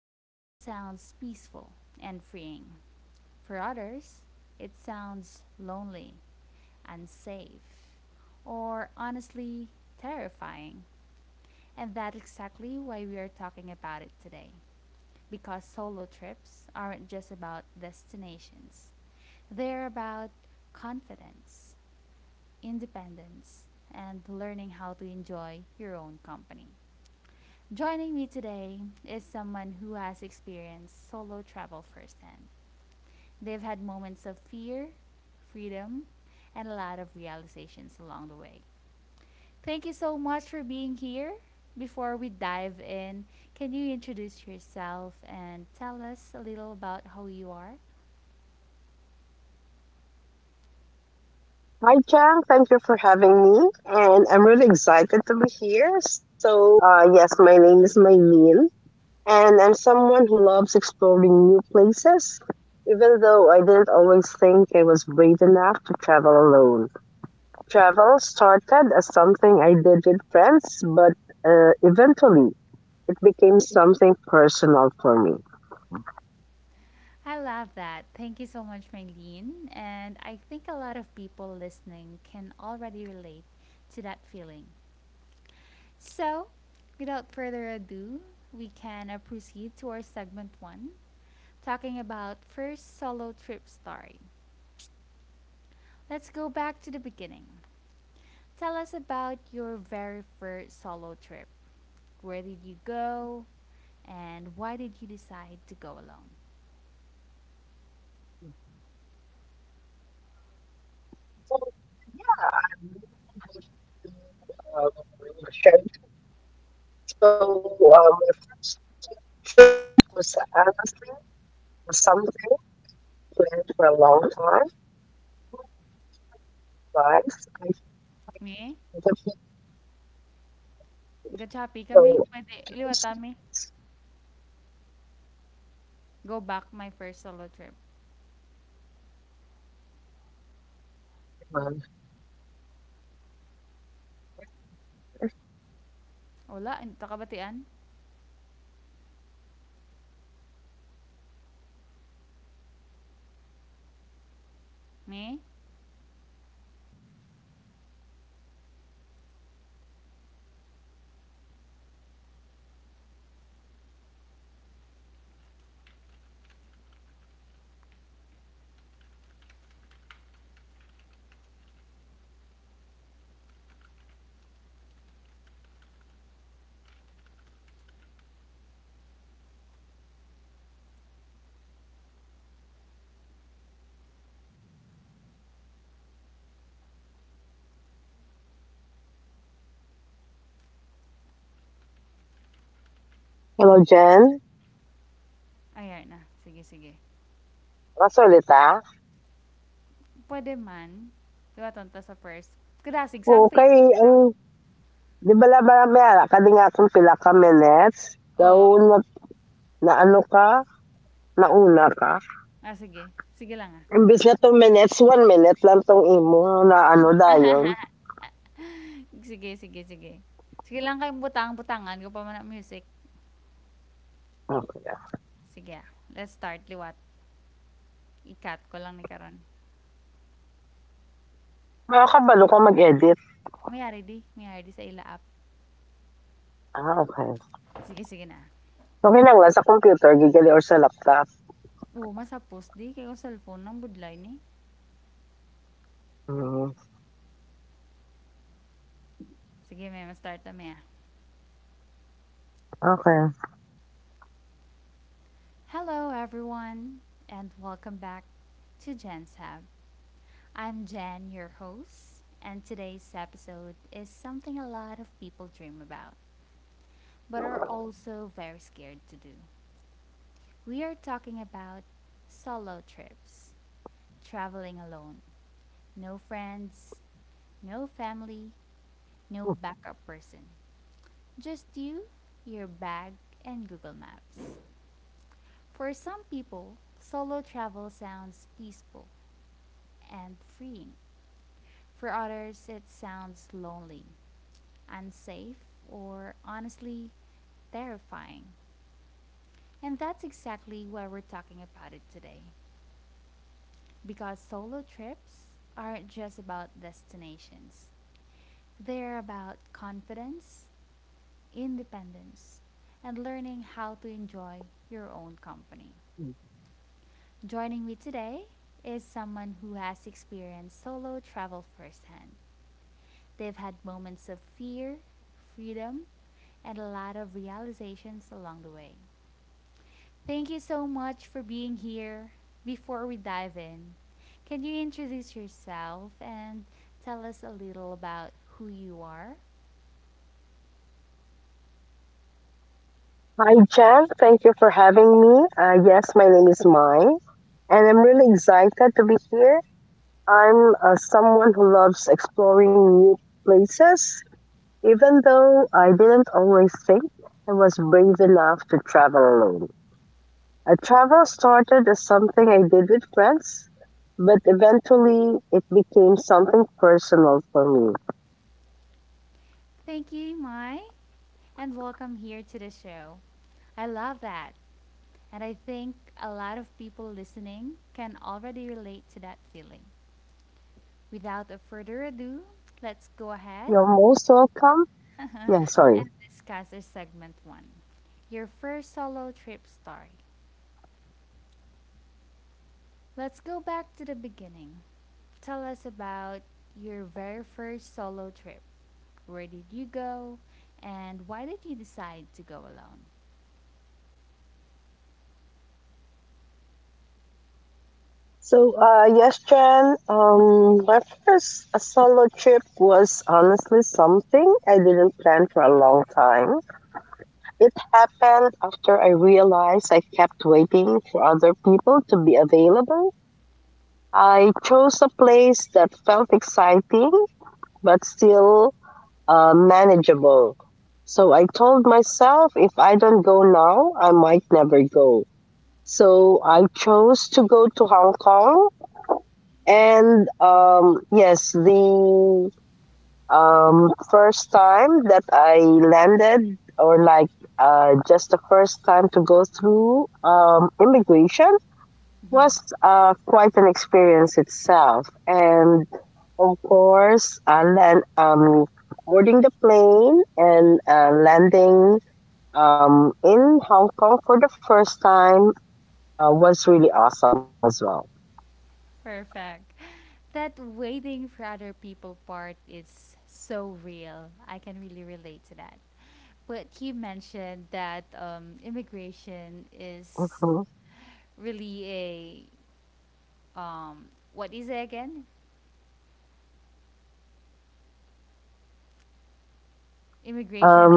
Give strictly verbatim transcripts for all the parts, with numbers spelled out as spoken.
solo travel sounds peaceful and freeing. For others, it sounds lonely, unsafe, or honestly terrifying. And that's exactly why we are talking about it today. Because solo trips aren't just about destinations, they're about confidence, independence, and learning how to enjoy your own company. Joining me today is someone who has experienced solo travel firsthand. They've had moments of fear, freedom, and a lot of realizations along the way. Thank you so much for being here. Before we dive in, can you introduce yourself and tell us a little about how you are? Hi, Chang. Thank you for having me. And I'm really excited to be here. So, uh, yes, my name is Maylene, and I'm someone who loves exploring new places, even though I didn't always think I was brave enough to travel alone. Travel started as something I did with friends, but uh, eventually it became something personal for me. I love that. Thank you so much, Maylene. And I think a lot of people listening can already relate to that feeling. So, without further ado, we can uh, proceed to our segment one, talking about first solo trip story. Let's go back to the beginning. Tell us about your very first solo trip. Where did you go and why did you decide to go alone? So, yeah, I'm really happy. um, So, um, it was honestly something planned for a long time. But I think Me? the Gachapi kami. Pwede iliwatami. Go back my first solo trip. people Wala, hindi takabatian. Me? Ayan na. Sige, sige. Pwede man. Liwaton ta sa first. Kadasig sa facing ka. Hello diyan, Oo. nakasalita? Ah, sige. Sige Oo, lang ah. ang 'di ba la maya maya ka din nga kung pila ka minutes, nauna Sige, sige, sige. naano Sige ka, lang kayong butang-butangan ko nauna pa man ka. ang music. Imbis na two minutes, one Sige ah. minute lang tong Let's start imo liwat. na ano dayon. I-cut ko lang ni karon. Mayari di, mayari di sa Okey ila ra. app. Sige, sige na. Oo, Nakakabalo masapos ka di kay ko mag-edit? cellphone ng budlay ni. Ah, okay okay lang lang sa Sige, may computer ma-start na gigali or maya. sa laptop? Hello Hmm, everyone and welcome back to Jen's Hub. I'm Jen, your host, and today's okey. episode is something a lot of people dream about but are also very scared to do. We are talking about solo trips, traveling alone, no friends, no family, no backup person. Just you, your bag, and Google Maps. For some people, solo travel sounds peaceful and freeing. For others, it sounds lonely, unsafe, or honestly, terrifying. And that's exactly why we're talking about it today. Because solo trips aren't just about destinations, they're about confidence, independence, and learning how to enjoy your own company. Joining me today is someone who has experienced solo travel firsthand. They've had moments of fear, freedom, and a lot of realizations along the way. Thank you so much for being here. Before we dive in, can you introduce yourself and tell us a little about who you are? Hi Jen, thank you for having me. Ah, yes, my name is Mai, and I'm really excited to be here. I'm uh, someone who loves exploring new places, even though I didn't always think I was brave enough to travel alone. Uh, travel Thank you, started as Mai, something I did with and welcome friends, here to the but show. I eventually love it that, became something and I think personal for a lot me. of people listening can already relate to that feeling. Without a further ado, let's go ahead and discuss our segment one, your first solo trip story. You're most welcome. Let's go back to the Yeah, sorry. beginning. Tell us about your very first solo trip. Where did you go, and why did you decide to go alone? So, uh, yes, Jen, um, my first uh, solo trip was honestly something I didn't plan for a long time. It happened after I realized I kept waiting for other people to be available. I chose a place that felt exciting but still uh, manageable. So I told myself, if I don't go now, I might never go. So I chose to go to Hong Kong. And um, yes, the Um, first time that I landed, or like uh, just the first time to go through um, immigration, was uh, quite an experience itself. And of course, uh, land, um, boarding the plane and uh, landing Perfect. That um, in waiting for Hong other Kong for the people part first time is uh, so was really real. awesome I as can well. really relate to that. But you mentioned that um, immigration is really a um, what is it again? Mhm. Immigration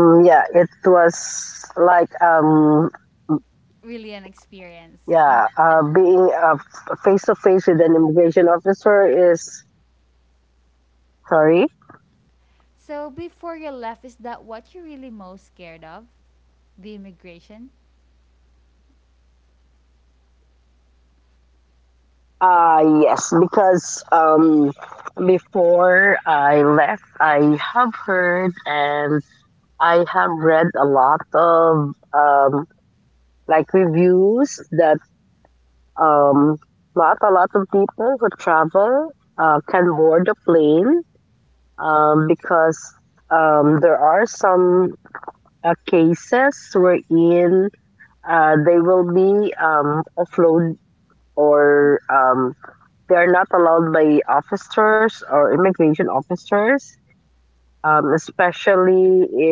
really an experience. You mentioned that. Um, yeah, it was like um, Yeah, So uh, before being you uh, left, is f- that face to what you're face with really an most immigration scared of? officer is, The immigration? sorry. Uh yes, because um before I left, I have heard and I have read a lot of um like reviews that um not a lot of people who travel uh, can board the plane um because um there are some uh, cases wherein uh, they will be um, offload or um,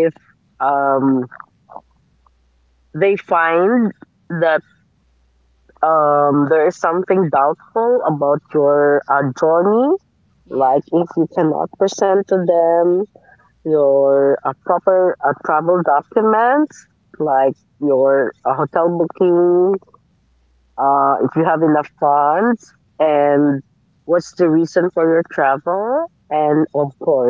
they are not allowed by officers or immigration officers, um, especially if um, they find that um, there is something doubtful about your uh, journey. Like if you cannot present to them your uh, proper uh, travel documents, like your uh, hotel booking,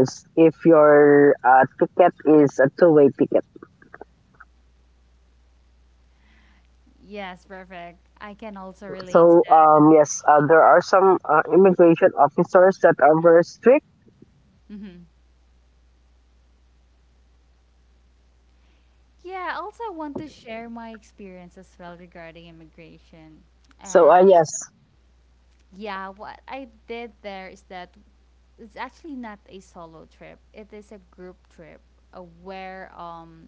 uh, if you have enough funds, and what's the reason for your travel. And of course, if Yes, your perfect. uh, I can ticket also is a relate to two-way ticket. that. Mm-hmm. So um, yes, uh, there are some uh, immigration officers that Yeah, I are very also want strict. to share my experience as well regarding immigration. And yeah, what I did there is that it's actually not a solo So trip. uh, It yes, is a group trip uh, where um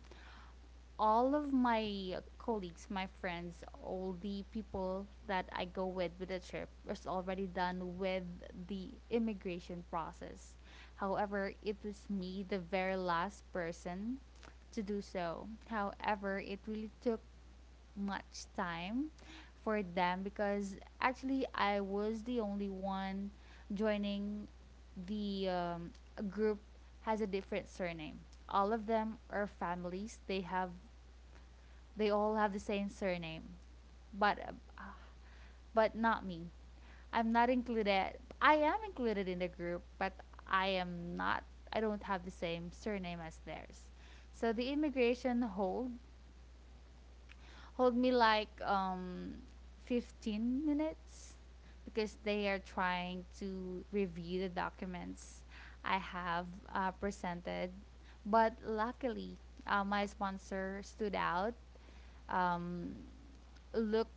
all of my colleagues, my friends, all the people that I go with with the trip was already done with the immigration process. However, it was me, the very last person to do so. However, it really took much time for them because actually I was the only one joining the um, group has a different surname. All of them are families. They have they all have the same surname, but uh, but not me. I'm not included. I am included in the group, but I am not. I don't have the same surname as theirs. So the immigration hold hold me like um fifteen minutes because they are trying to review the documents I have uh, presented. But luckily, uh, my sponsor stood out, um, looked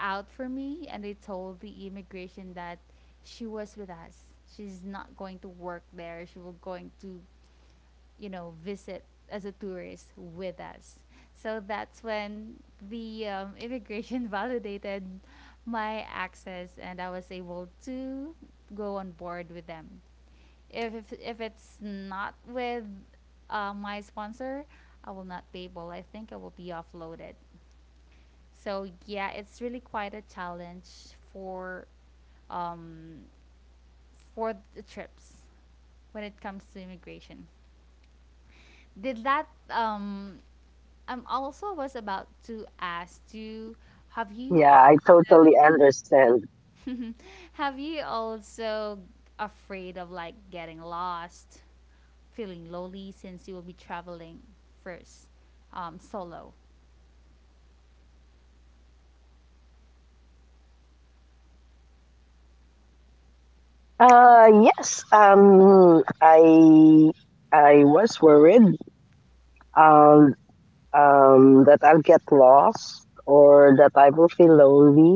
out for me, and they told the immigration that she was with us. She's not going to work there. She was going to, you know, visit as a tourist with us. So that's when the um, immigration validated my access, and I was able to go on board with them. If if, if it's not with uh, my sponsor, I will not be able, I think I will be offloaded. So yeah, it's really quite a challenge for um, for the trips when it comes to immigration. Did that um, Um, also was about to ask you, have you also have you also yeah, afraid I of like totally getting understand. lost, feeling lonely since you will be traveling first, um, solo? Uh, yes, um, I I was worried um,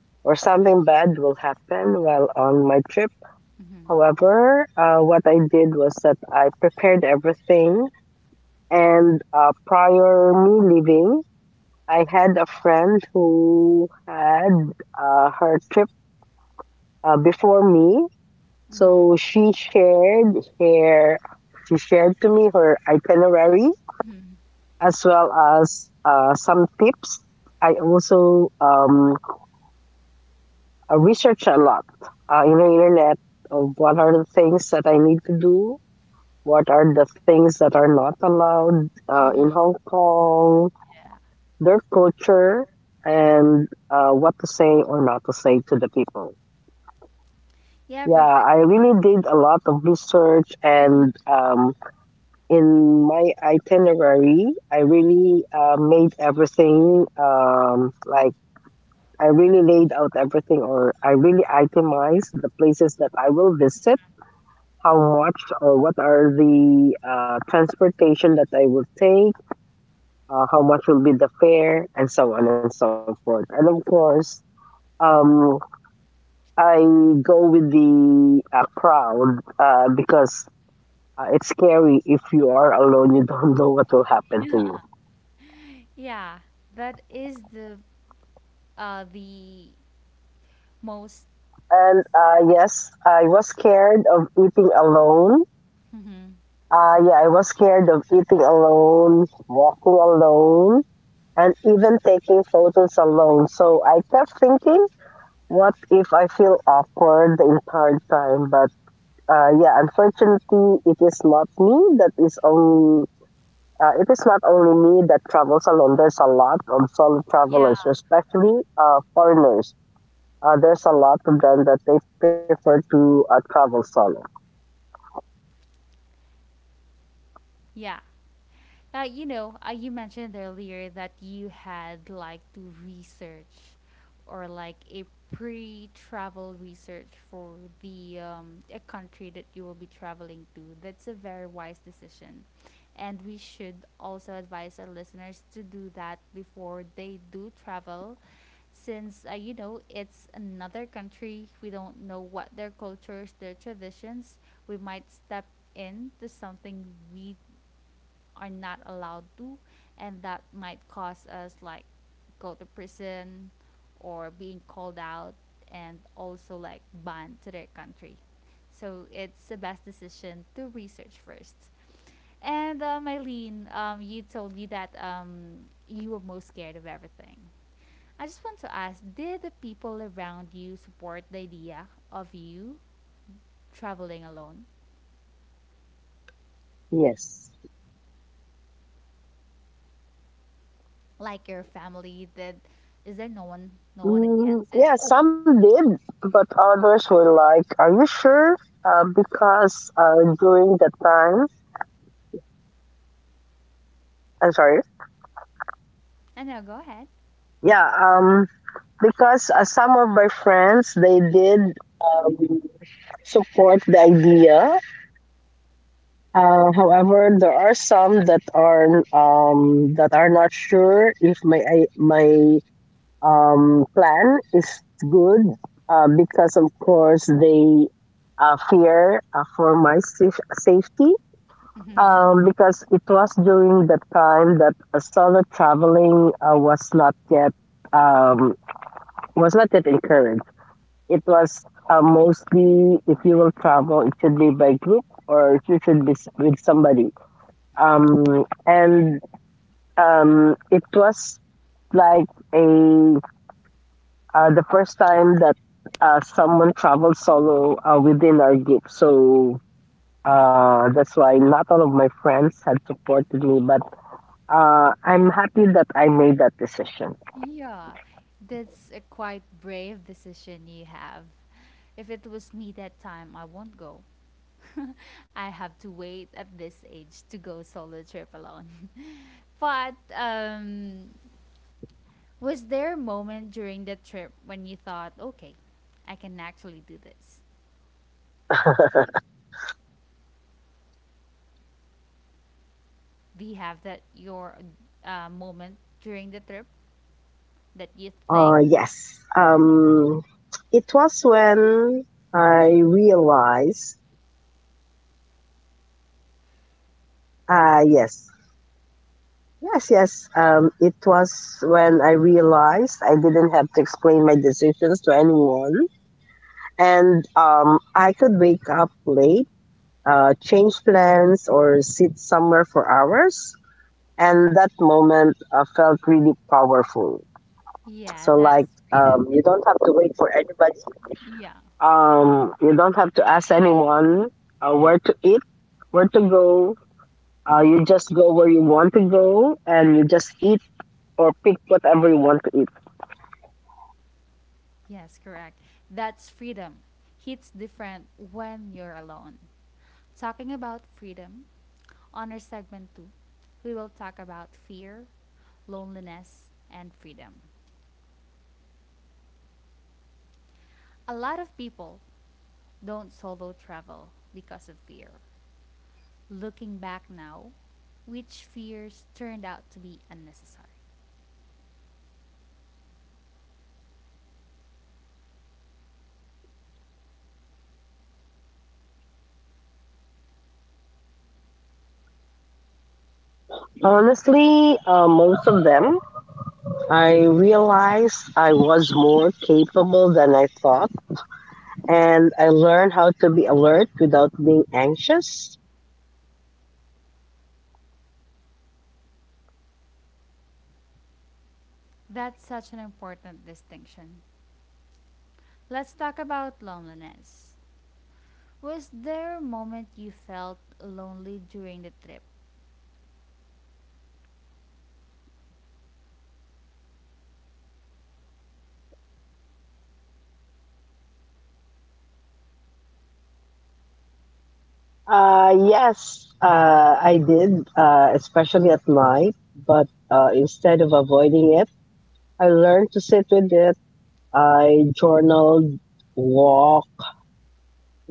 um, that I'll get lost or that I will feel Mm-hmm. lonely or something bad will happen while on my trip. However, uh, what I did was that I prepared everything, and uh, prior me leaving, I had a friend who had Mm-hmm. uh, her trip uh, before me. So she Mm-hmm. shared her she shared to me her itinerary as well as uh, some tips. I also um, I research a lot uh, in the internet of what are the things that I need Mm-hmm. to do, what are Yeah. the things that are not allowed uh, in Hong Kong, their culture, and Yeah, uh, perfect. what to say or not to say to the people. Hmm. Yeah, I really did a lot of research, and um, in my itinerary, I really uh, made everything, um, like I really laid out everything, or I really itemized the places that I will visit, how much or what are the uh, transportation that I will take, uh, how much will be the fare, and so on and so forth. And of course, um, I go with the uh, crowd uh, because Yeah. uh, it's scary if you are Yeah. alone, you That don't know is what will the happen to you. uh the most. And uh, Hmm. yes, I was scared of eating alone. Uh, yeah, I was scared of eating alone, walking alone, and even taking photos alone. So I kept thinking, what if I feel awkward the entire time? But uh, yeah, unfortunately, it is not me that is only uh, it is not Yeah. only me that travels alone. There's a lot of solo travelers, especially uh, foreigners. Uh, there's a lot of them that they prefer to uh, travel solo. Yeah. Now, you know, uh, you mentioned earlier that you had like to research or like a pre-travel research for the um, a country that you will be traveling to. That's a very wise decision. And we should also advise our listeners to do that before they do travel, since uh, you know it's another country. We don't know what their cultures, their traditions. We might step into something we are not allowed to, and that might cause us like go to prison or being called out, and also like banned to their country. So it's the best decision to research first. And uh, Mylene, um, you told me that um, you were most scared of everything. I just want to ask, did the people around you support the idea of you traveling alone? Yes. Like your family, did is there no one, no one against it? Mm, yeah, some did, but others were like, "Are you sure?" Uh, because uh, during that time, I know, go I'm ahead. sorry. Yeah. Um. because uh, some of my friends, they did um, support the idea. Uh, however, there are some that are um, that are not sure if my i- my um, plan is good uh, because, of course, they uh, fear uh, for my saf- safety. Um, because it was during the time that uh, solo traveling uh, was not yet um, was not yet encouraged. It was uh, mostly if you will travel, it should be by group, or you should be s- with somebody. Um, and um, it was like a uh, the first time that uh, someone traveled solo uh, within our group. So uh, that's why not all of my friends had supported me, but uh, I'm happy that Yeah, I made that that's a decision. quite brave decision you have. If it was me that time, I won't go. I have to wait at this age to go solo trip alone. But um, was there a moment during the trip when you thought, okay, I can actually do this? Do you have that your uh, moment during the trip that you think, Uh, yes. Um, it was when I realized, uh, yes, yes, yes. Um, it was when I realized I didn't have to explain my decisions to anyone. And um, I could wake up late, uh, change plans, or sit somewhere for hours. And that moment uh, felt really yeah, powerful. that's freedom? So, like, um, you don't have to wait for Yeah. anybody. Um, you don't have to ask anyone uh, where to eat, where to go. Uh, you just go where you want to go, and you just eat or pick whatever you want to eat. Yes, correct. That's freedom. Hits different when you're alone. Talking about freedom, on our segment two, we will talk about fear, loneliness, and freedom. A lot of people don't solo travel because of fear. Looking back now, which fears turned out to be unnecessary? Honestly, uh, most of them, I realized I was more capable than I thought, and I learned how to be alert without being anxious. That's such an important distinction. Let's talk about loneliness. Was there a moment you felt lonely during the trip? Uh, yes, uh, I did, uh, especially at night, but uh, instead of avoiding it, I learned to sit with it. I journaled, walked,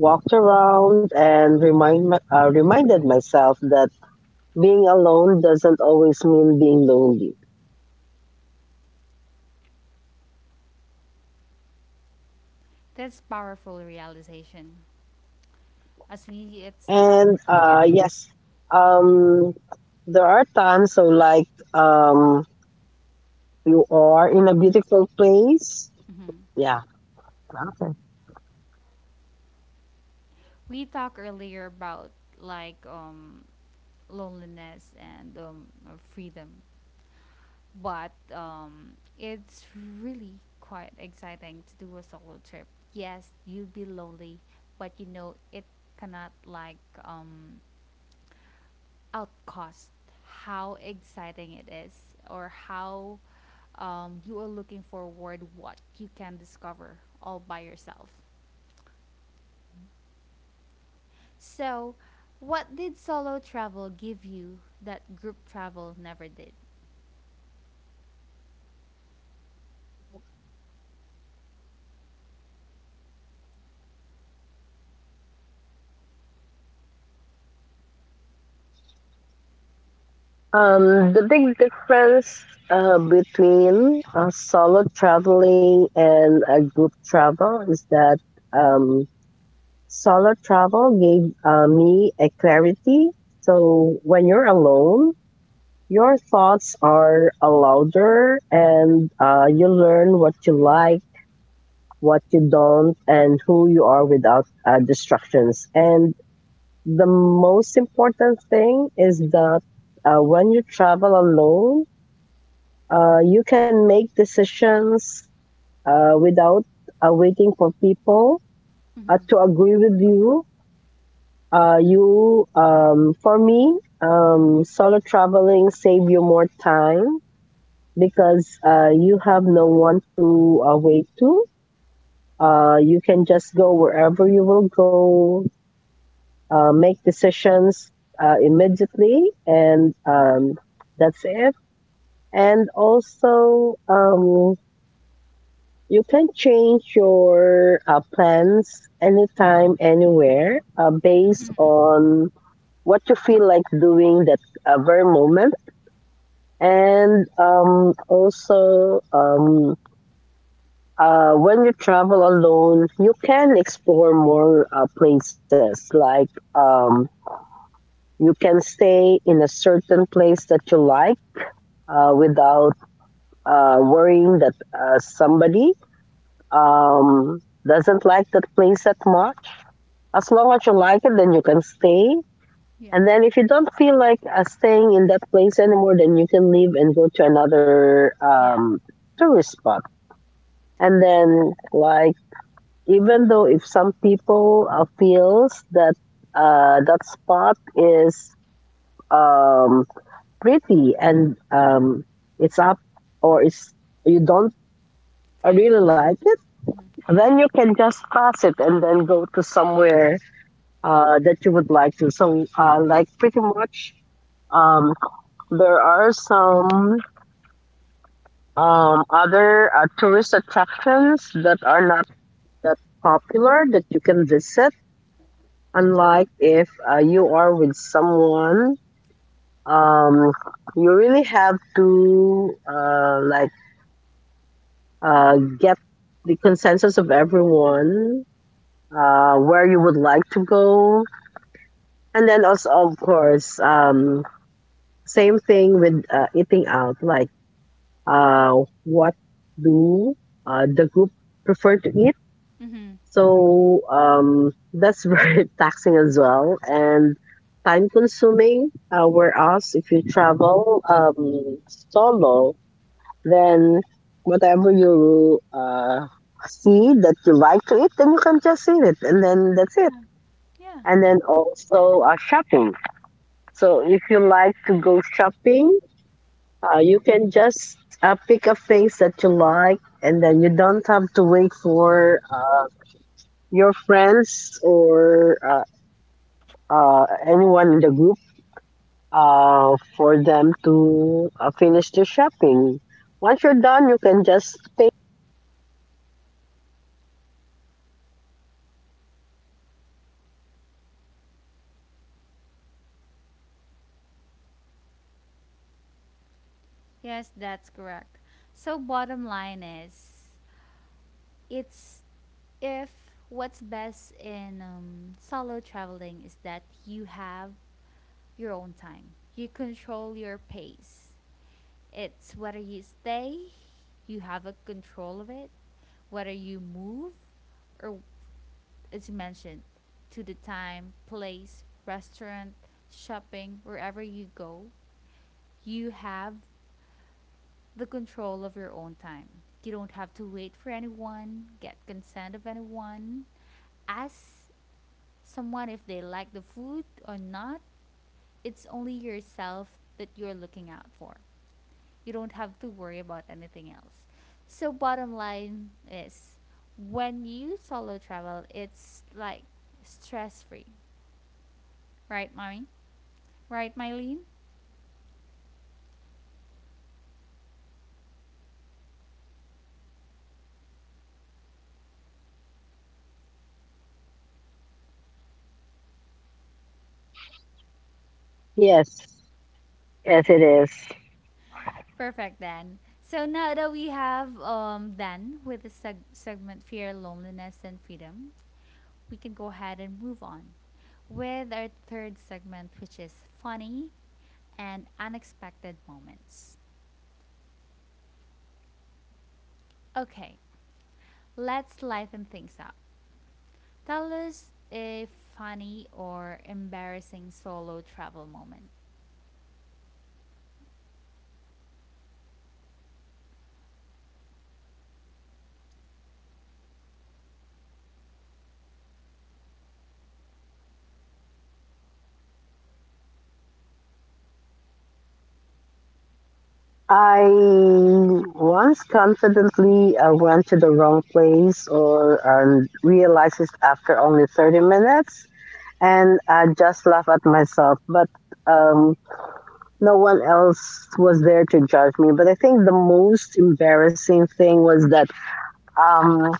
walked around, and remind my, uh, reminded myself that being alone doesn't always mean being lonely. That's powerful realization. As we it's talked And earlier, uh, yes, um, there are times, so like um, you are in a beautiful place. hmm, Yeah. Okay. we talked earlier about like um, loneliness and um, uh, freedom, but um, it's really quite exciting to do a solo trip. Yes, you'll be lonely, but you know it cannot like um, outcost how exciting it is, or how um, you are looking forward what you can discover all by yourself. So what did solo travel give you that group travel never did? Um, the big difference uh, between uh, solo traveling and a group travel is that um, solo travel gave uh, me a clarity. So when you're alone, your thoughts are uh, louder and uh, you learn what you like, what you don't, and who you are without uh, distractions. And the most important thing is that uh, when you travel alone, uh, you can make decisions uh, without uh, waiting for people uh, Mm-hmm. to agree with you. Uh, you, um, for me, um, solo traveling save you more time because uh, you have no one to uh, wait to. Uh, you can just go wherever you will go, uh, make decisions uh, immediately, and um, that's it. And also, um, you can change your uh, plans anytime, anywhere, uh, based on what you feel like doing that uh, very moment. And um, also, um, uh, when you travel alone, you can explore more uh, places. Like um, you can stay in a certain place that you like uh, without uh, worrying that uh, somebody um, doesn't like that place that much. As long as you like it, then you can stay. Yeah. And then if you don't feel like uh, staying in that place anymore, then you can leave and go to another Yeah. um, tourist spot. And then, like, even though if some people uh, feels that uh, that spot is um, pretty, and um, it's up, or it's, you don't Find it. really like it, Mm-hmm. then you can just pass it and then go to somewhere uh, that you would like to. So uh, like, pretty much um, there are some um, other uh, tourist attractions that are not that popular that you can visit, unlike if uh, you are with someone. um, you really have to uh, like uh, get the consensus of everyone uh, where you would like to go. And then also, of course, um, same thing with uh, eating out, like uh, what do uh, the group prefer to eat. Mm-hmm. So um, that's very taxing as well, and time consuming. Uh, whereas if you travel um, solo, then whatever you uh, see that you like to eat, then you can just eat it, and then that's it. Yeah. Yeah. And then also, uh, shopping. So if you like to go shopping, uh, you can just uh, pick up things that you like, and then you don't have to wait for uh, your friends or uh, uh, anyone in the group uh, for them to uh, finish the shopping. Once you're done, you can just pay. Yes, that's correct. So, bottom line is, it's if what's best in um, solo traveling is that you have your own time, you control your pace. It's whether you stay, you have a control of it, whether you move, or as you mentioned, to the time, place, restaurant, shopping, wherever you go, you have the control of your own time. You don't have to wait for anyone, get consent of anyone, ask someone if they like the food or not. It's only yourself that you're looking out for. You don't have to worry about anything else. So, bottom line is when you solo travel, it's like stress free. Right, mommy? Right, Mylene? Yes, yes, it is. Perfect then. So now that we have um, done with the seg- segment fear, loneliness, and freedom, we can go ahead and move on with our third segment, which is funny and unexpected moments. Okay, let's lighten things up. Tell us a funny or embarrassing solo travel moment. I once confidently uh, went to the wrong place or um, realized it after only thirty minutes, and I just laughed at myself. But um, no one else was there to judge me. But I think the most embarrassing thing was that um,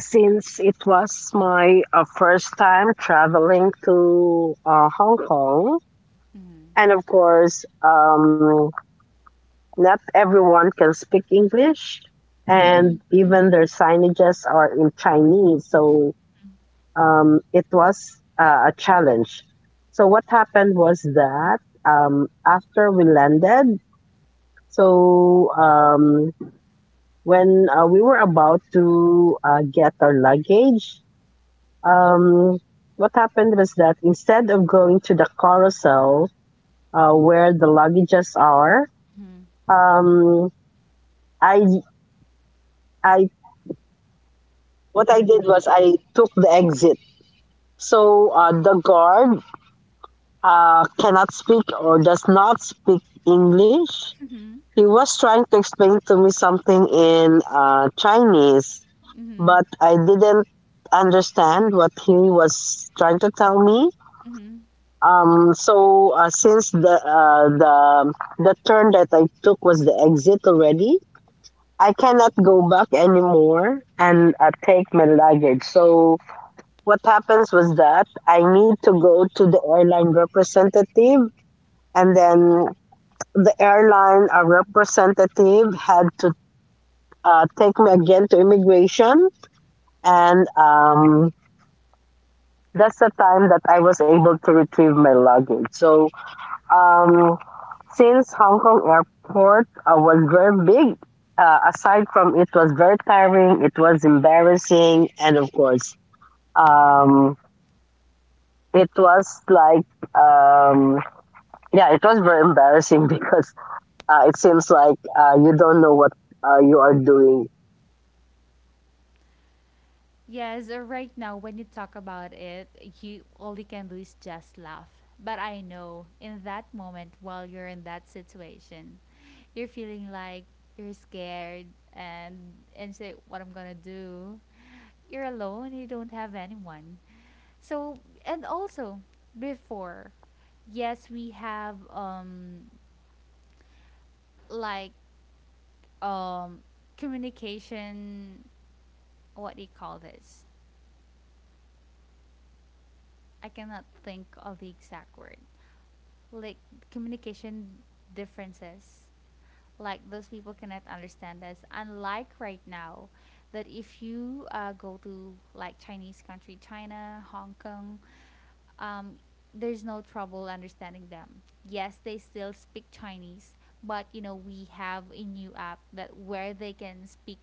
since it was my uh, first time traveling to uh, Hong Kong, Mm-hmm. and of course, um, not everyone can speak English, and Mm-hmm. even their signages are in Chinese, so um, it was uh, a challenge. So what happened was that um, after we landed, so um, when uh, we were about to uh, get our luggage, um, what happened was that instead of going to the carousel uh, where the luggages are, Mm-hmm. um, I I what I did was I took the exit. So uh, the guard uh, cannot speak or does not speak English. Mm-hmm. He was trying to explain to me something in uh, Chinese, Mm-hmm. but I didn't understand what he was trying to tell me. Mm-hmm. Um, so uh, since the uh, the the turn that I took was the exit already, I cannot go back anymore and uh, take my luggage. So what happens was that I need to go to the airline representative, and then the airline uh, representative had to uh, take me again to immigration, and um, that's the time that I was able to retrieve my luggage. So um, since Hong Kong airport uh, was very big, uh, aside from it was very tiring, it was embarrassing, and of course, um, it was like um, yeah, it was very embarrassing because uh, it seems like uh, you don't know what uh, you are doing. Yes, uh, right now when you talk about it, you all you can do is just laugh. But I know in that moment while you're in that situation, you're feeling like you're scared and and say what I'm gonna do, you're alone, you don't have anyone. So, and also before, yes, we have um like um communication, what do you call this? I cannot think of the exact word. Like communication differences. Like those people cannot understand us. Unlike right now, that if you uh, go to like Chinese country, China, Hong Kong, um, there's no trouble understanding them. Yes, they still speak Chinese, but you know we have a new app that where they can speak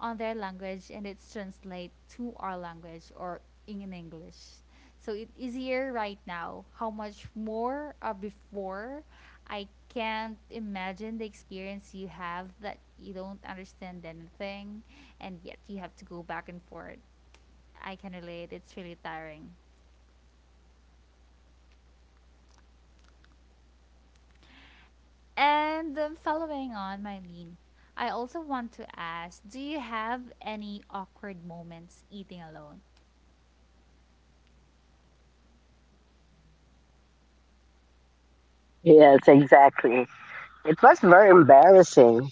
on their language and it's translate to our language or in English. So it's easier right now. How much more uh, before? I can't imagine the experience you have that you don't understand anything and yet you have to go back and forth. I can relate. It's really tiring. And um, following on, Mylene, I also want to ask, do you have any awkward moments eating alone? Yes, exactly. It was very embarrassing.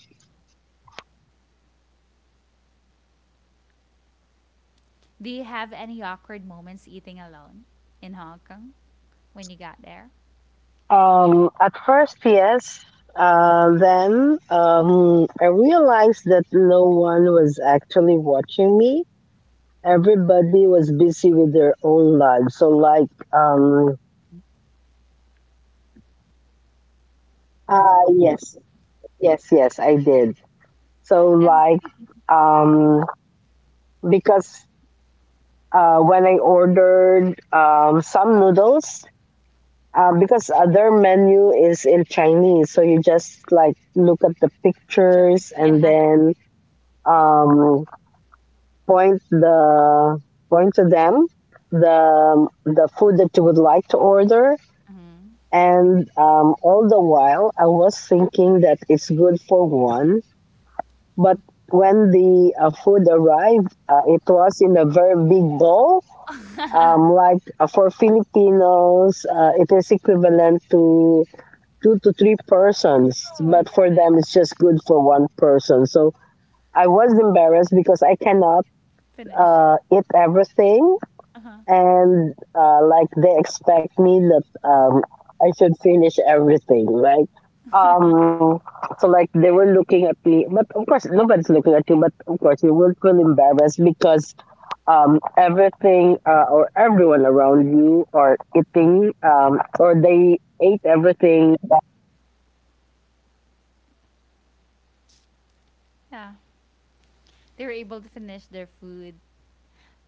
Do you have any awkward moments eating alone in Hong Kong when you got there? Um, at first, yes. Uh, then um, I realized that no one was actually watching me, everybody was busy with their own lives. So like um uh yes. Yes, yes, I did. So And like um because uh when I ordered um some noodles, uh, because other menu is in Chinese, so you just like look at the picture, pictures and yeah. then um, point the point to them the the food that you would like to order. hmm And um, all the while, I was thinking that it's good for one. But when the uh, food arrived, uh, it was in a very big bowl. Um, oh Like uh, for Filipinos, uh, it is equivalent to two to three persons. my But for god. them, it's just good for one person. So I was embarrassed because I cannot Finish. uh, eat everything, Uh-huh. and uh, like they expect me that um, I should finish everything, right? Um, so like they were looking at me, but of course nobody's looking at you. But of course you will feel embarrassed because um, everything uh, or everyone around you are eating, um, or they ate everything. Yeah. They were able to finish their food,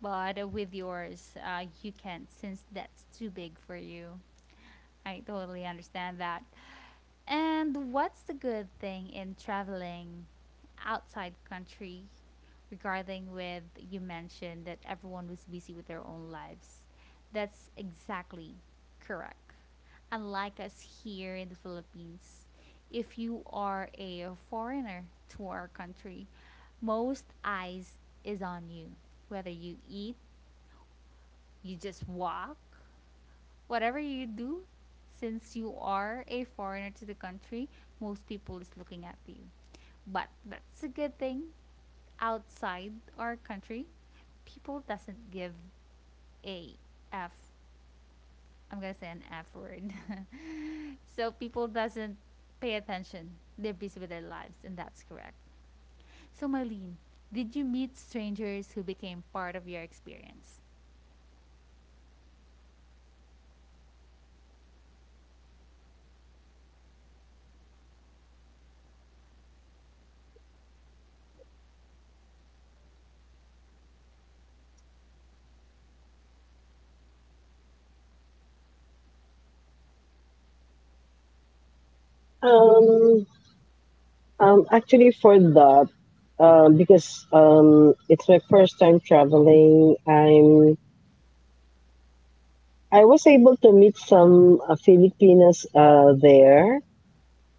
but uh, with yours, uh, you can't since that's too big for you. I totally understand that. And what's the good thing in traveling outside country regarding with you mentioned that everyone was busy with their own lives? That's exactly correct. Unlike us here in the Philippines, if you are a foreigner to our country, most eyes is on you. Whether you eat, you just walk, Whatever you do, since you are a foreigner to the country, most people is looking at you. But that's a good thing. Outside our country, people doesn't give a f. I'm gonna say an f word. so people doesn't pay attention. They're busy with their lives, and that's correct. So Marlene, did you meet strangers who became part of your experience? Um, um, Actually, for that, um, because um, it's my first time traveling. I'm I was able to meet some uh, Filipinas uh, there,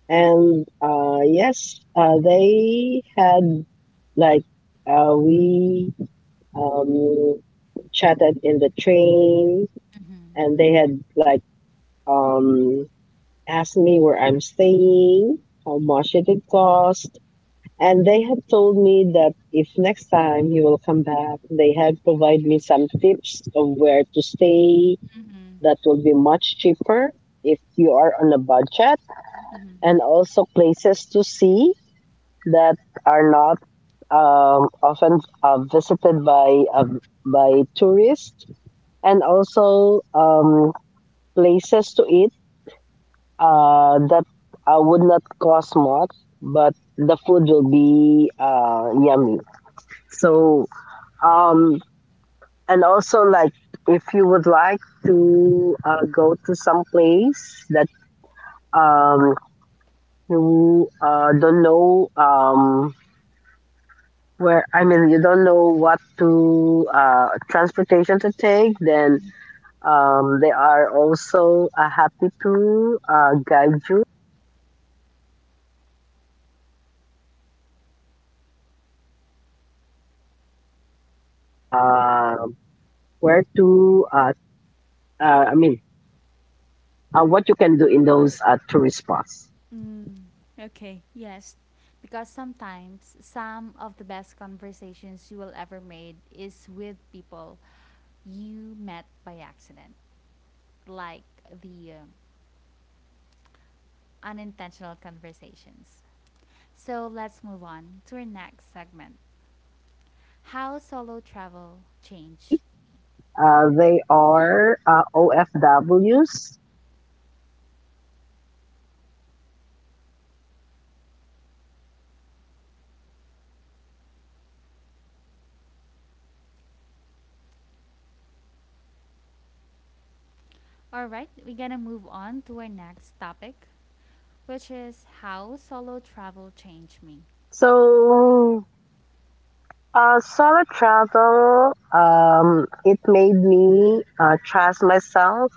and uh, yes, uh, they had like uh, we um, chatted in the train, Mm-hmm. and they had like um, asked me where I'm staying, how much it would cost, and they had told me that if next time he will come back, they had provide me some tips of where to stay Mm-hmm. that will be much cheaper if you are on a budget, Mm-hmm. and also places to see that are not um, often uh, visited by uh, by tourists, and also um, places to eat uh, that uh, would not cost much but the food will be uh, yummy. So um, and also like if you would like to uh, go to some place that um, who uh, don't know um, where, I mean you don't know what to uh, transportation to take, then um, they are also uh, happy to uh, guide you uh, where to uh, uh, I mean uh, what you can do in those uh, tourist spots. Mm, okay, yes. Because sometimes some of the best conversations you will ever made is with people you met by accident, like the uh, unintentional conversations. So let's move on to our next segment. How solo travel change. Uh, they are uh, O F Ws. All right, we're going to move on to our next topic, which is how solo travel changed me. So, uh, solo travel, um, it made me uh, trust myself.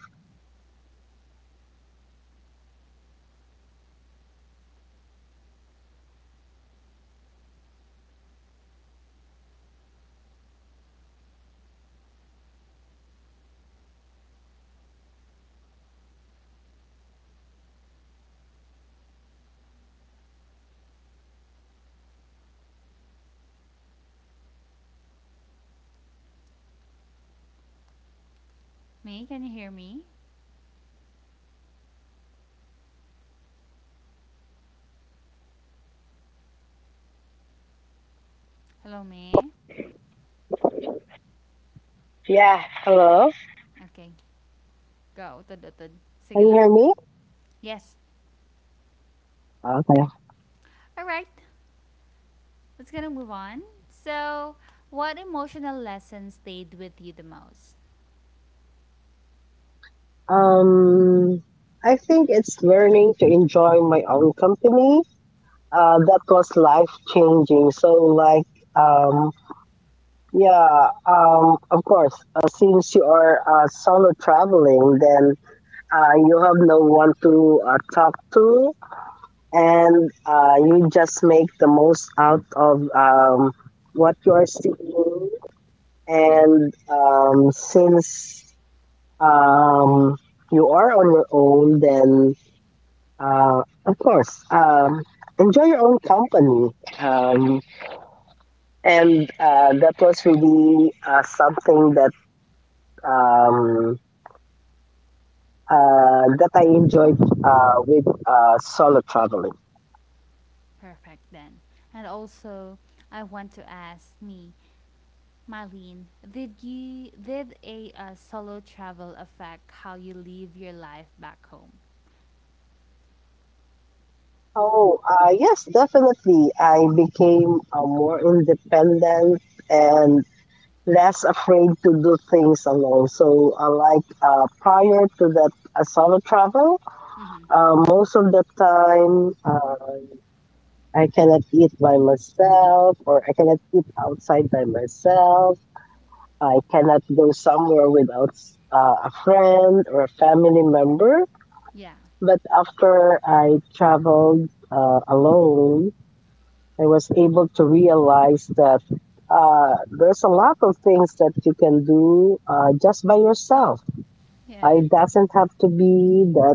May, can you hear me? Hello, May. Yeah, hello. Okay, go. Tudutod. Can Sige you lang. hear me? Yes. Okay. All right. Let's gonna move on. So, what emotional lesson stayed with you the most? Um, I think it's learning to enjoy my own company. Uh, that was life changing. So, like, um, yeah, um, of course, uh, since you are uh, solo traveling, then uh, you have no one to uh, talk to, and uh, you just make the most out of um, what you are seeing. And um, since um, you are on your own, then uh, of course, um, enjoy your own company. Um, and uh, that was really uh, something that um, uh, that I enjoyed uh, with uh, solo traveling. Perfect then. And also, I want to ask me, Marlene, did you did a uh, solo travel affect how you live your life back home? Oh, uh, yes, definitely. I became uh, more independent and less afraid to do things alone. So, uh, like uh, prior to that uh, solo travel, Mm-hmm. uh, most of the time uh, I cannot eat by myself, or I cannot eat outside by myself. I cannot go somewhere without uh, a friend or a family member. Yeah. But after I traveled uh, alone, I was able to realize that uh, there's a lot of things that you can do uh, just by yourself. Uh, Yeah. It doesn't have to be that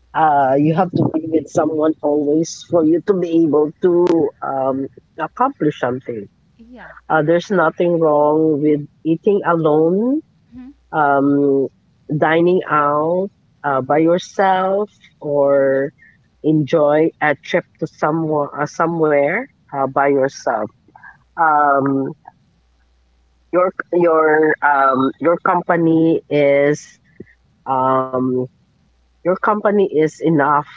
uh, you have to be with someone always for you to be able to um, accomplish something. Yeah. Uh, there's nothing wrong with eating alone, hmm um, dining out uh, by yourself, or enjoy a trip to somewhere, uh, somewhere uh, by yourself. Um, your your um your company is um your company is enough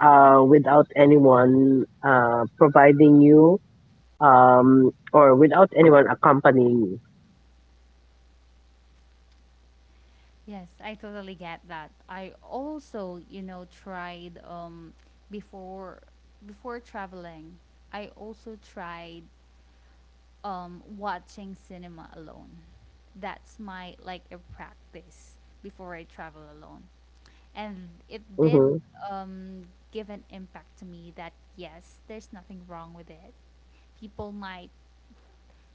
uh without anyone uh providing you um or without anyone accompanying you. Yes, I totally get that. I also, you know, tried um before before traveling. I also tried um, watching cinema alone. That's my like a practice before I travel alone. And it Mm-hmm. did um, give an impact to me that yes, there's nothing wrong with it. People might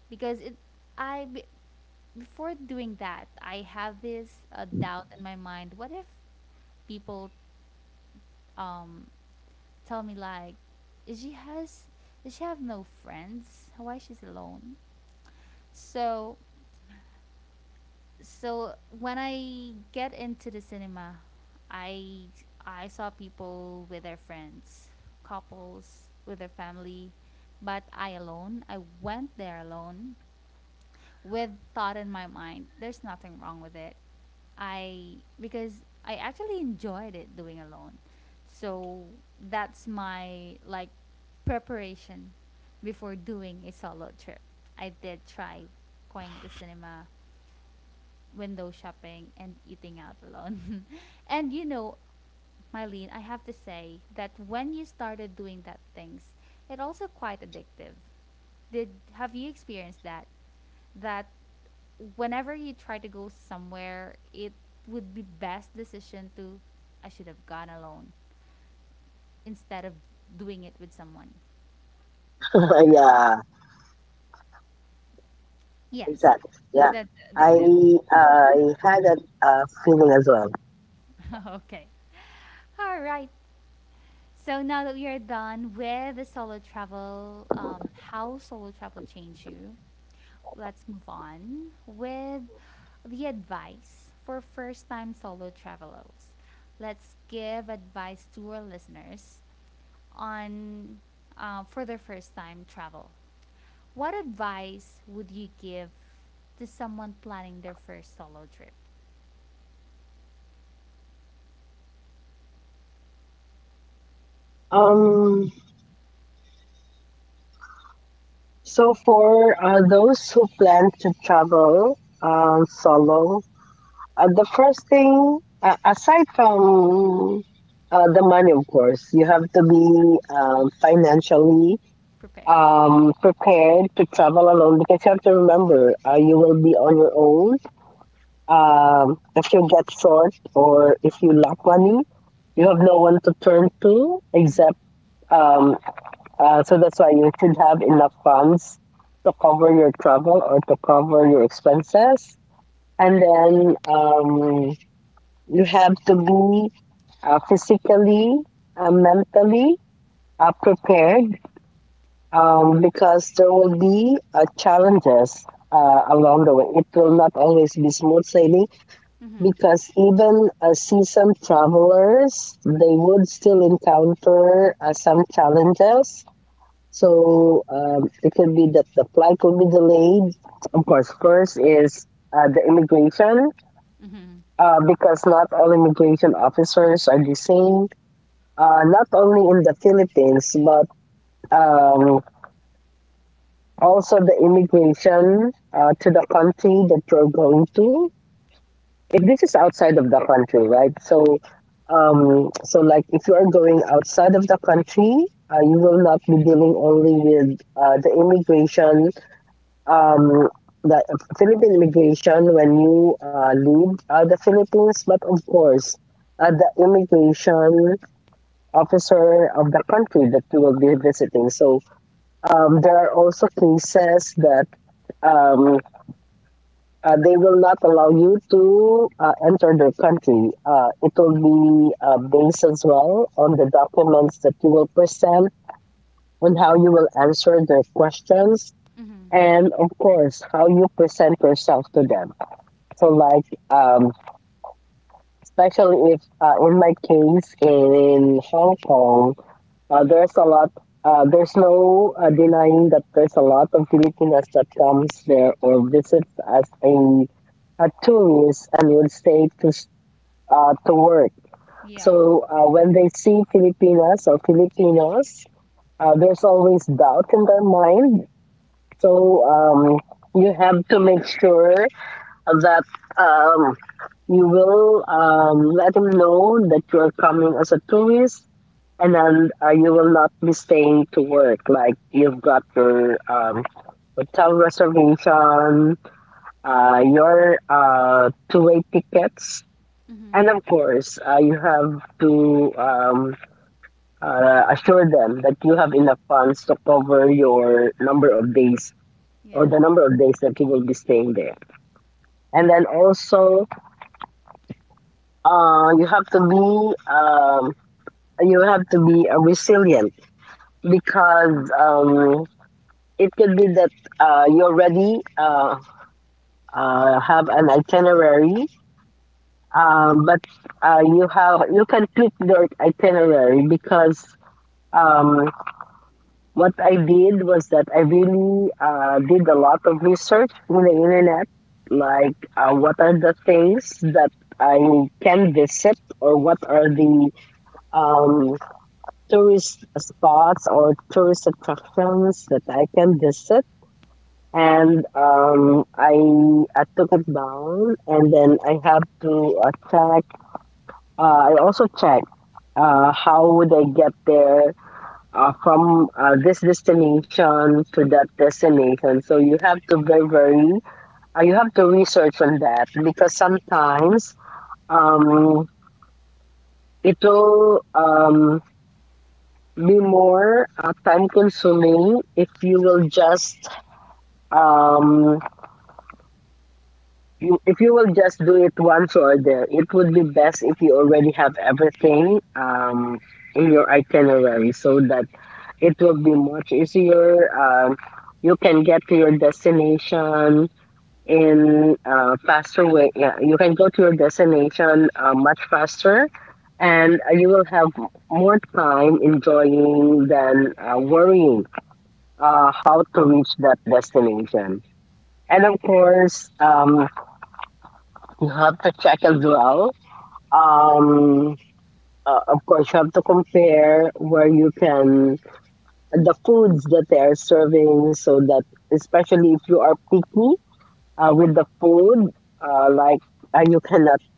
because it I be- before doing that, I have this uh, doubt in my mind. What if people um, tell me like, is she has does she have no friends? Why she's alone? So so when I get into the cinema, I I saw people with their friends, couples with their family, but I alone, I went there alone with thought in my mind. There's nothing wrong with it. I because I actually enjoyed it doing alone. So that's my like preparation before doing a solo trip. I did try going to cinema, window shopping and eating out alone. and you know, Mylene, I have to say that when you started doing that things, it also quite addictive. Did have you experienced that? That whenever you try to go somewhere, it would be best decision to I should have gone alone instead of doing it with someone. Yeah, Yes. exactly. Yeah, That's I addictive. I had that uh, feeling as well. okay. All right. So now that we are done with the solo travel, um, how solo travel changed you, let's move on with the advice for first time solo travelers. Let's give advice to our listeners on uh, for their first time travel. What advice would you give to someone planning their first solo trip? um so for uh, those who plan to travel um solo, Uh, the first thing, uh, aside from uh, the money, of course, you have to be um, financially Prepared. um, prepared to travel alone, because you have to remember uh, you will be on your own. Um, if you get short or if you lack money, you have no one to turn to except. Um, uh, so that's why you should have enough funds to cover your travel or to cover your expenses. And then um, you have to be uh, physically, uh, mentally uh, prepared um, because there will be uh, challenges uh, along the way. It will not always be smooth sailing, Mm-hmm. because even uh, seasoned travelers, they would still encounter uh, some challenges. So um, it could be that the flight will be delayed. Of course, first is uh, the immigration uh, Mm-hmm. because not all immigration officers are the same, uh, not only in the Philippines, but um, also the immigration uh, to the country that you're going to. If this is outside of the country, right? So, um, so like if you are going outside of the country, uh, you will not be dealing only with uh, the immigration, um, the Philippine immigration when you uh, leave uh, the Philippines, but of course, uh, the immigration officer of the country that you will be visiting. So Um, there are also cases that um, uh, they will not allow you to uh, enter their country. Uh, it will be uh, based as well on the documents that you will present, on how you will answer their questions, Mm-hmm. and of course, how you present yourself to them. So, like, um, especially if uh, in my case in Hong Kong, Uh, there's a lot. Uh, there's no uh, denying that there's a lot of Filipinas that comes there or visits as a, a tourist and would stay to s- uh, to work. So Yeah. uh, when they see Filipinas or Filipinos, uh, there's always doubt in their mind. So um, you have to make sure that um, you will um, let him know that you're coming as a tourist, and then uh, you will not be staying to work. Like you've got your um, hotel reservation, uh, your uh, two-way tickets, and Mm-hmm. of course, uh, you have to um, uh, assure them that you have enough funds to cover your number of days, or the Yeah. number of days that you will be staying there. And then also, uh, you have to be um, you have to be uh, resilient, because um, it could be that uh, you already uh, uh, have an itinerary, uh, but uh, you have you can tweak your itinerary, because um, what I did was that I really uh, did a lot of research on the internet. Like, uh, what are the things that I can visit, or what are the um, tourist spots or tourist attractions that I can visit. And um, I, I took it down, and then I have to uh, check. Uh, I also check uh, how would I get there uh, from uh, this destination to that destination. So you have to very, very uh, you have to research on that because sometimes um, it will um, be more uh, time consuming if you will just um you, if you will just do it once, or there it would be best if you already have everything um in your itinerary, so that it will be much easier, um you can get to your destination in uh, faster way. Yeah, you can go to your destination uh, much faster, and uh, you will have more time enjoying than uh, worrying uh, how to reach that destination. And of course, um, you have to check as well. Um, uh, of course, you have to compare where you can the foods that they are serving, so that especially if you are picky uh, with the food, uh, like uh, you cannot,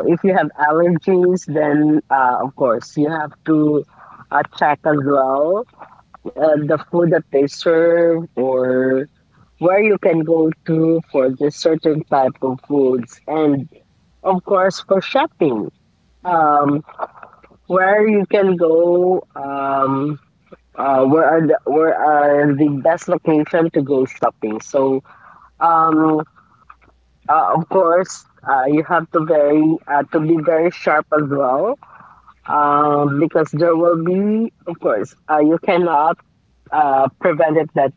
or if you have allergies, then uh, of course you have to uh, check as well uh, the food that they serve or where you can go to for this certain type of foods, and of course for shopping, Mm-hmm. um where you can go, um uh, where are the where are the best location to go shopping. So um uh, of course uh, you have to very uh, to be very sharp as well, um because there will be, of course, uh, you cannot uh, prevent it that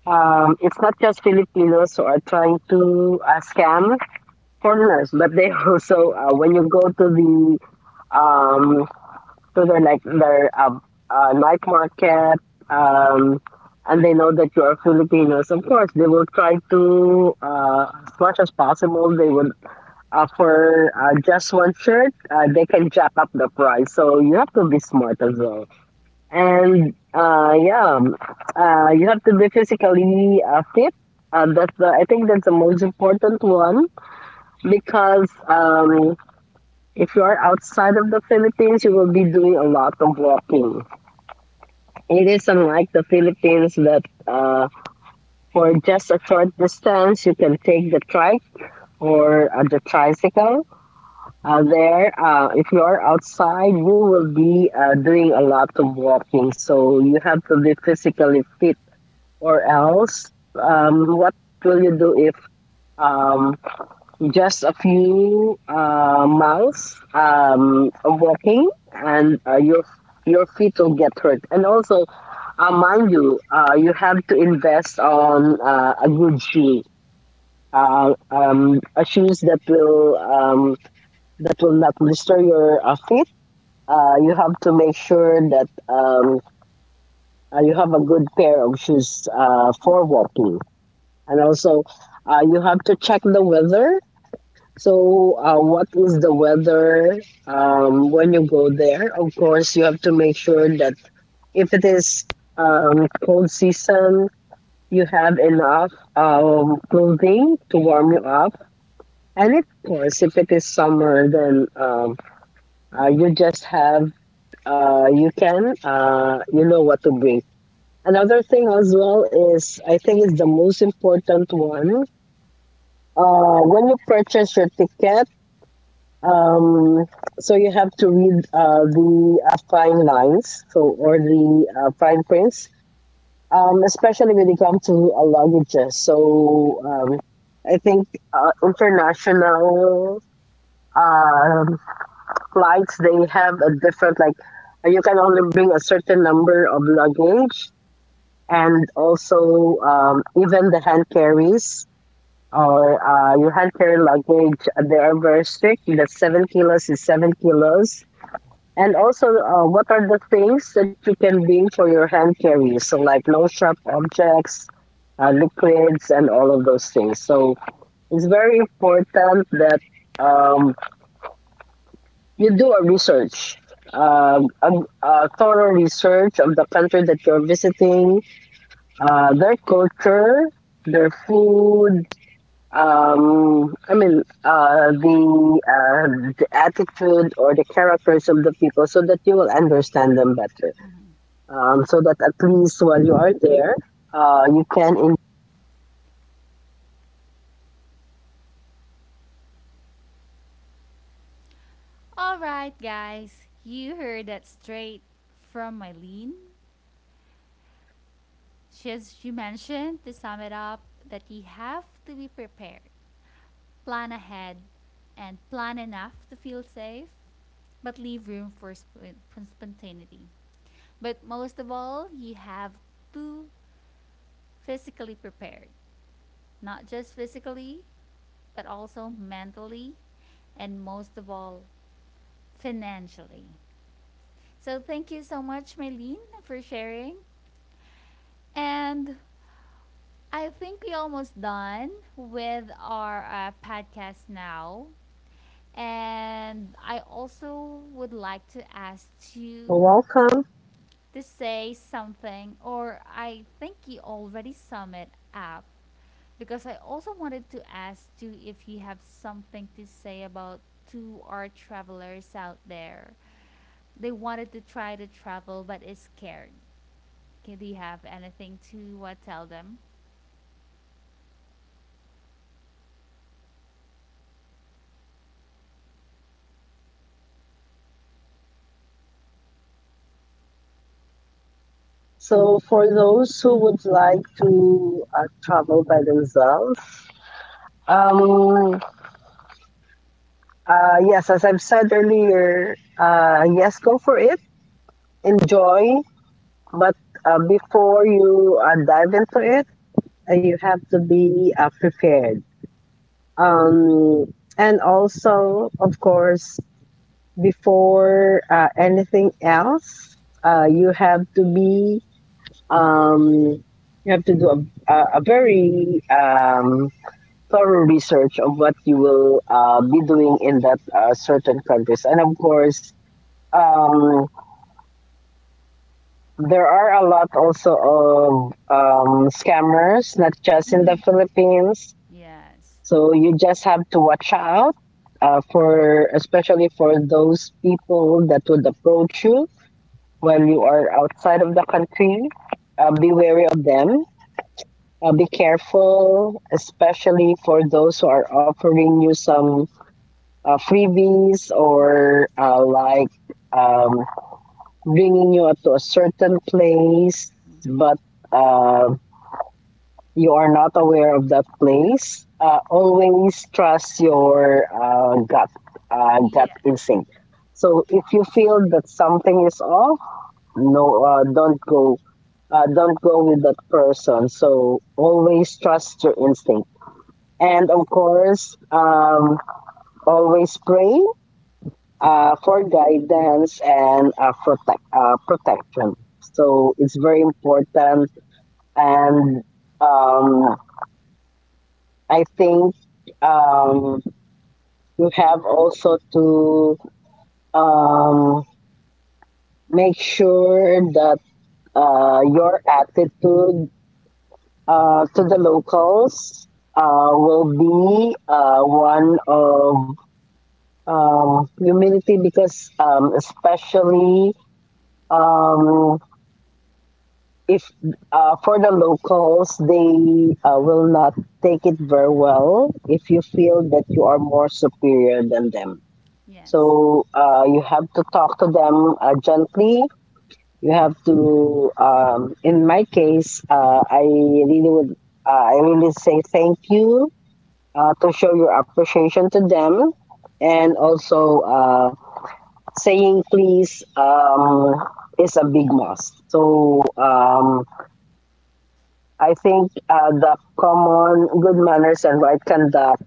um, it's not just Filipinos who are trying to uh, scam homeless, but they also uh, when you go to the um to the like their uh, uh, night market, um and they know that you are Filipinos, of course they will try to, uh, as much as possible. They would uh, for uh, just one shirt, uh, they can jack up the price. So you have to be smart as well, and uh, yeah, uh, you have to be physically uh, fit. Uh, that's the, I think that's the most important one, because um, if you are outside of the Philippines, you will be doing a lot of walking. It is unlike the Philippines that uh, for just a short distance, you can take the trike or uh, the tricycle. Uh, there, uh, if you are outside, you will be uh, doing a lot of walking. So you have to be physically fit, or else, um, what will you do if um, just a few uh, miles um, of walking and uh, your your feet will get hurt. And also, uh, mind you, uh, you have to invest on uh, a good shoe uh, um, a shoes that will um, that will not blister your uh, feet. Uh, you have to make sure that um, uh, you have a good pair of shoes uh, for walking. And also uh, you have to check the weather. So uh, what is the weather um, when you go there? Of course, you have to make sure that if it is um, cold season, you have enough um, clothing to warm you up. And of course, if it is summer, then um, uh, you just have, uh, you can, uh, you know what to bring. Another thing as well is, I think, is the most important one. Uh, when you purchase your ticket, Um, so you have to read uh, the uh, fine lines, so, or the uh, fine prints, um, especially when it comes to uh, languages. So um, I think uh, international um flights, they have a different, like, uh, you can only bring a certain number of luggage, and also um, even the hand carries or uh, your hand carry luggage. uh, They are very strict. The seven kilos is seven kilos. And also, uh, what are the things that you can bring for your hand carry? So, like no sharp objects, uh, liquids, and all of those things. So it's very important that um, you do a research, um, a, a thorough research of the country that you're visiting, uh, their culture, their food. Um, I mean, uh, the uh, the attitude or the characters of the people, so that you will understand them better, um, so that at least while you are there, uh, you can enjoy. Alright, guys, you heard that straight from Mylene. She's, she mentioned, to sum it up, that you have to be prepared, plan ahead, and plan enough to feel safe, but leave room for, sp- for spontaneity. But most of all, you have to physically prepared, not just physically, but also mentally, and most of all, financially. So thank you so much, Mylene, for sharing. And I think we almost done with our uh, podcast now. And I also would like to ask you Welcome. to say something, or I think you already sum it up, because I also wanted to ask you if you have something to say about to our travelers out there. They wanted to try to travel but is scared. Okay, do you have anything to uh, tell them? So for those who would like to uh, travel by themselves, um, uh, yes, as I've said earlier, uh, yes, go for it, enjoy, but uh, before you uh, dive into it, uh, you have to be uh, prepared. Um, and also, of course, before uh, anything else, uh, you have to be, um, you have to do a, a, a very um, thorough research of what you will uh, be doing in that uh, certain countries. And of course, um, there are a lot also of um, scammers, not just in Hmm the Philippines. Yes. So you just have to watch out uh, for, especially for those people that would approach you while you are outside of the country. Uh, be wary of them, uh, be careful, especially for those who are offering you some uh, freebies Yeah, or uh, like um, bringing you to a certain place, but uh, you are not aware of that place. Uh, always trust your uh, gut, uh, gut instinct. So if you Yes. feel that something is off, no, uh, don't go. Uh, don't go with that person. So always trust your instinct. Yes. And of course, um, always pray uh, for guidance and uh, protect, uh, protection. So it's very important. And um, I think um, you have also to um, make sure that uh, your attitude uh, to the locals uh, will be uh, one of um, humility, because um, especially um, if uh, for the locals, they uh, will not take it very well if you feel that you are more superior than them. Yes. So uh, you have to talk to them uh, gently. You have to, um, in my case, uh, I really would, uh, I really say thank you uh, to show your appreciation to them, and Yeah. also uh, saying please um, is a big must. So um, I think uh, the common good manners and right conduct,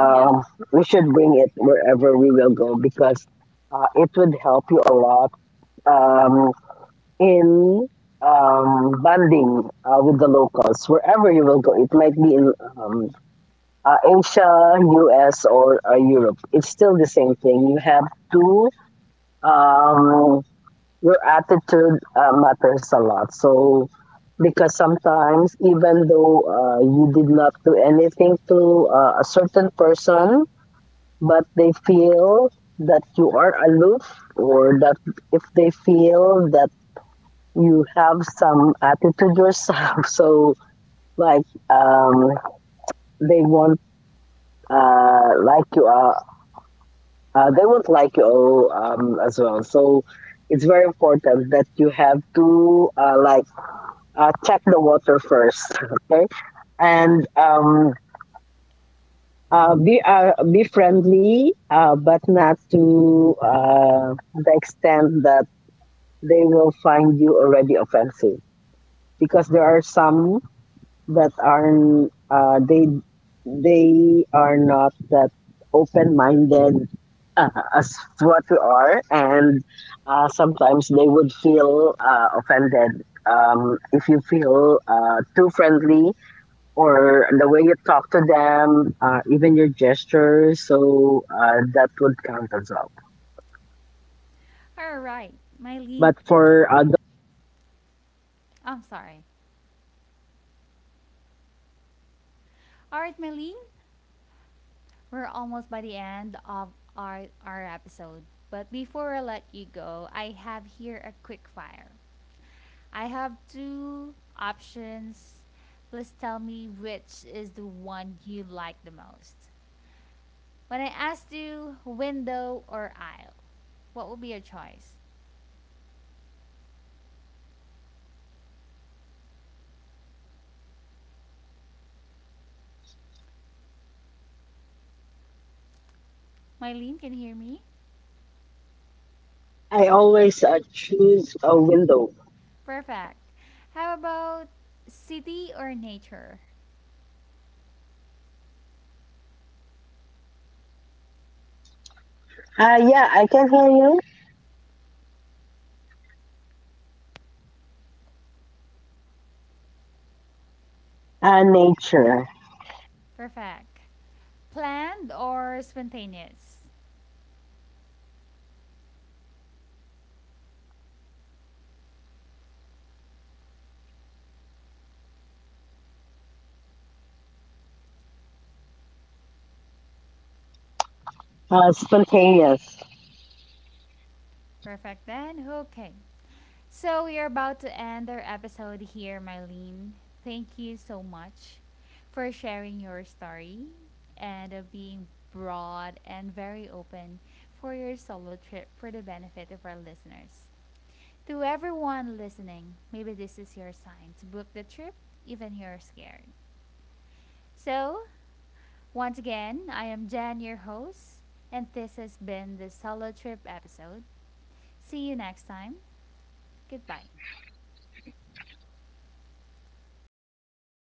Yeah. we should bring it wherever we will go, because uh, it would help you a lot um, in um, bonding uh, with the locals wherever you will go. It might be in um, uh, Asia, U S, or uh, Europe. It's still the same thing. You have to, um, your attitude uh, matters a lot. So, because sometimes, even though uh, you did not do anything to uh, a certain person, but they feel that you are aloof, or that if they feel that you have some attitude yourself, so like um, they won't uh, like, you, uh, uh, they won't like you um, as well. So it's very important that you have to uh, like uh, check the water first. Okay. And um, uh, be uh, be friendly, uh, but not to uh, the extent that they will find you already offensive, because there are some that aren't uh, they they are not that open minded uh, as what we are. And uh, sometimes they would feel uh, offended um, if you feel uh, too friendly, or the way you talk to them, uh, even your gestures. So uh, that would count as well. All right, Mylene. But Thank you. for so- uh, much. I'm sorry. All right, Mylene. We're almost by the end of our our episode, but before I let you go, I have here a quick fire. I have two options. Please tell me which is the one you like the most. When I asked you window or aisle, what would be your choice? Mylene, can you hear me? I always uh, choose a window. Perfect. How about city or nature? Uh, yeah, I can hear you. Uh, nature, Perfect. Planned or spontaneous? uh, spontaneous. Perfect then. Okay. So we are about to end our episode here, Mylene. Thank you so much for sharing your story and of being broad and very open for your solo trip for the benefit of our listeners. To everyone listening, maybe this is your sign to book the trip, even if you're scared. So, once again, I am Jan, your host, and this has been the Solo Trip episode. See you next time. Goodbye.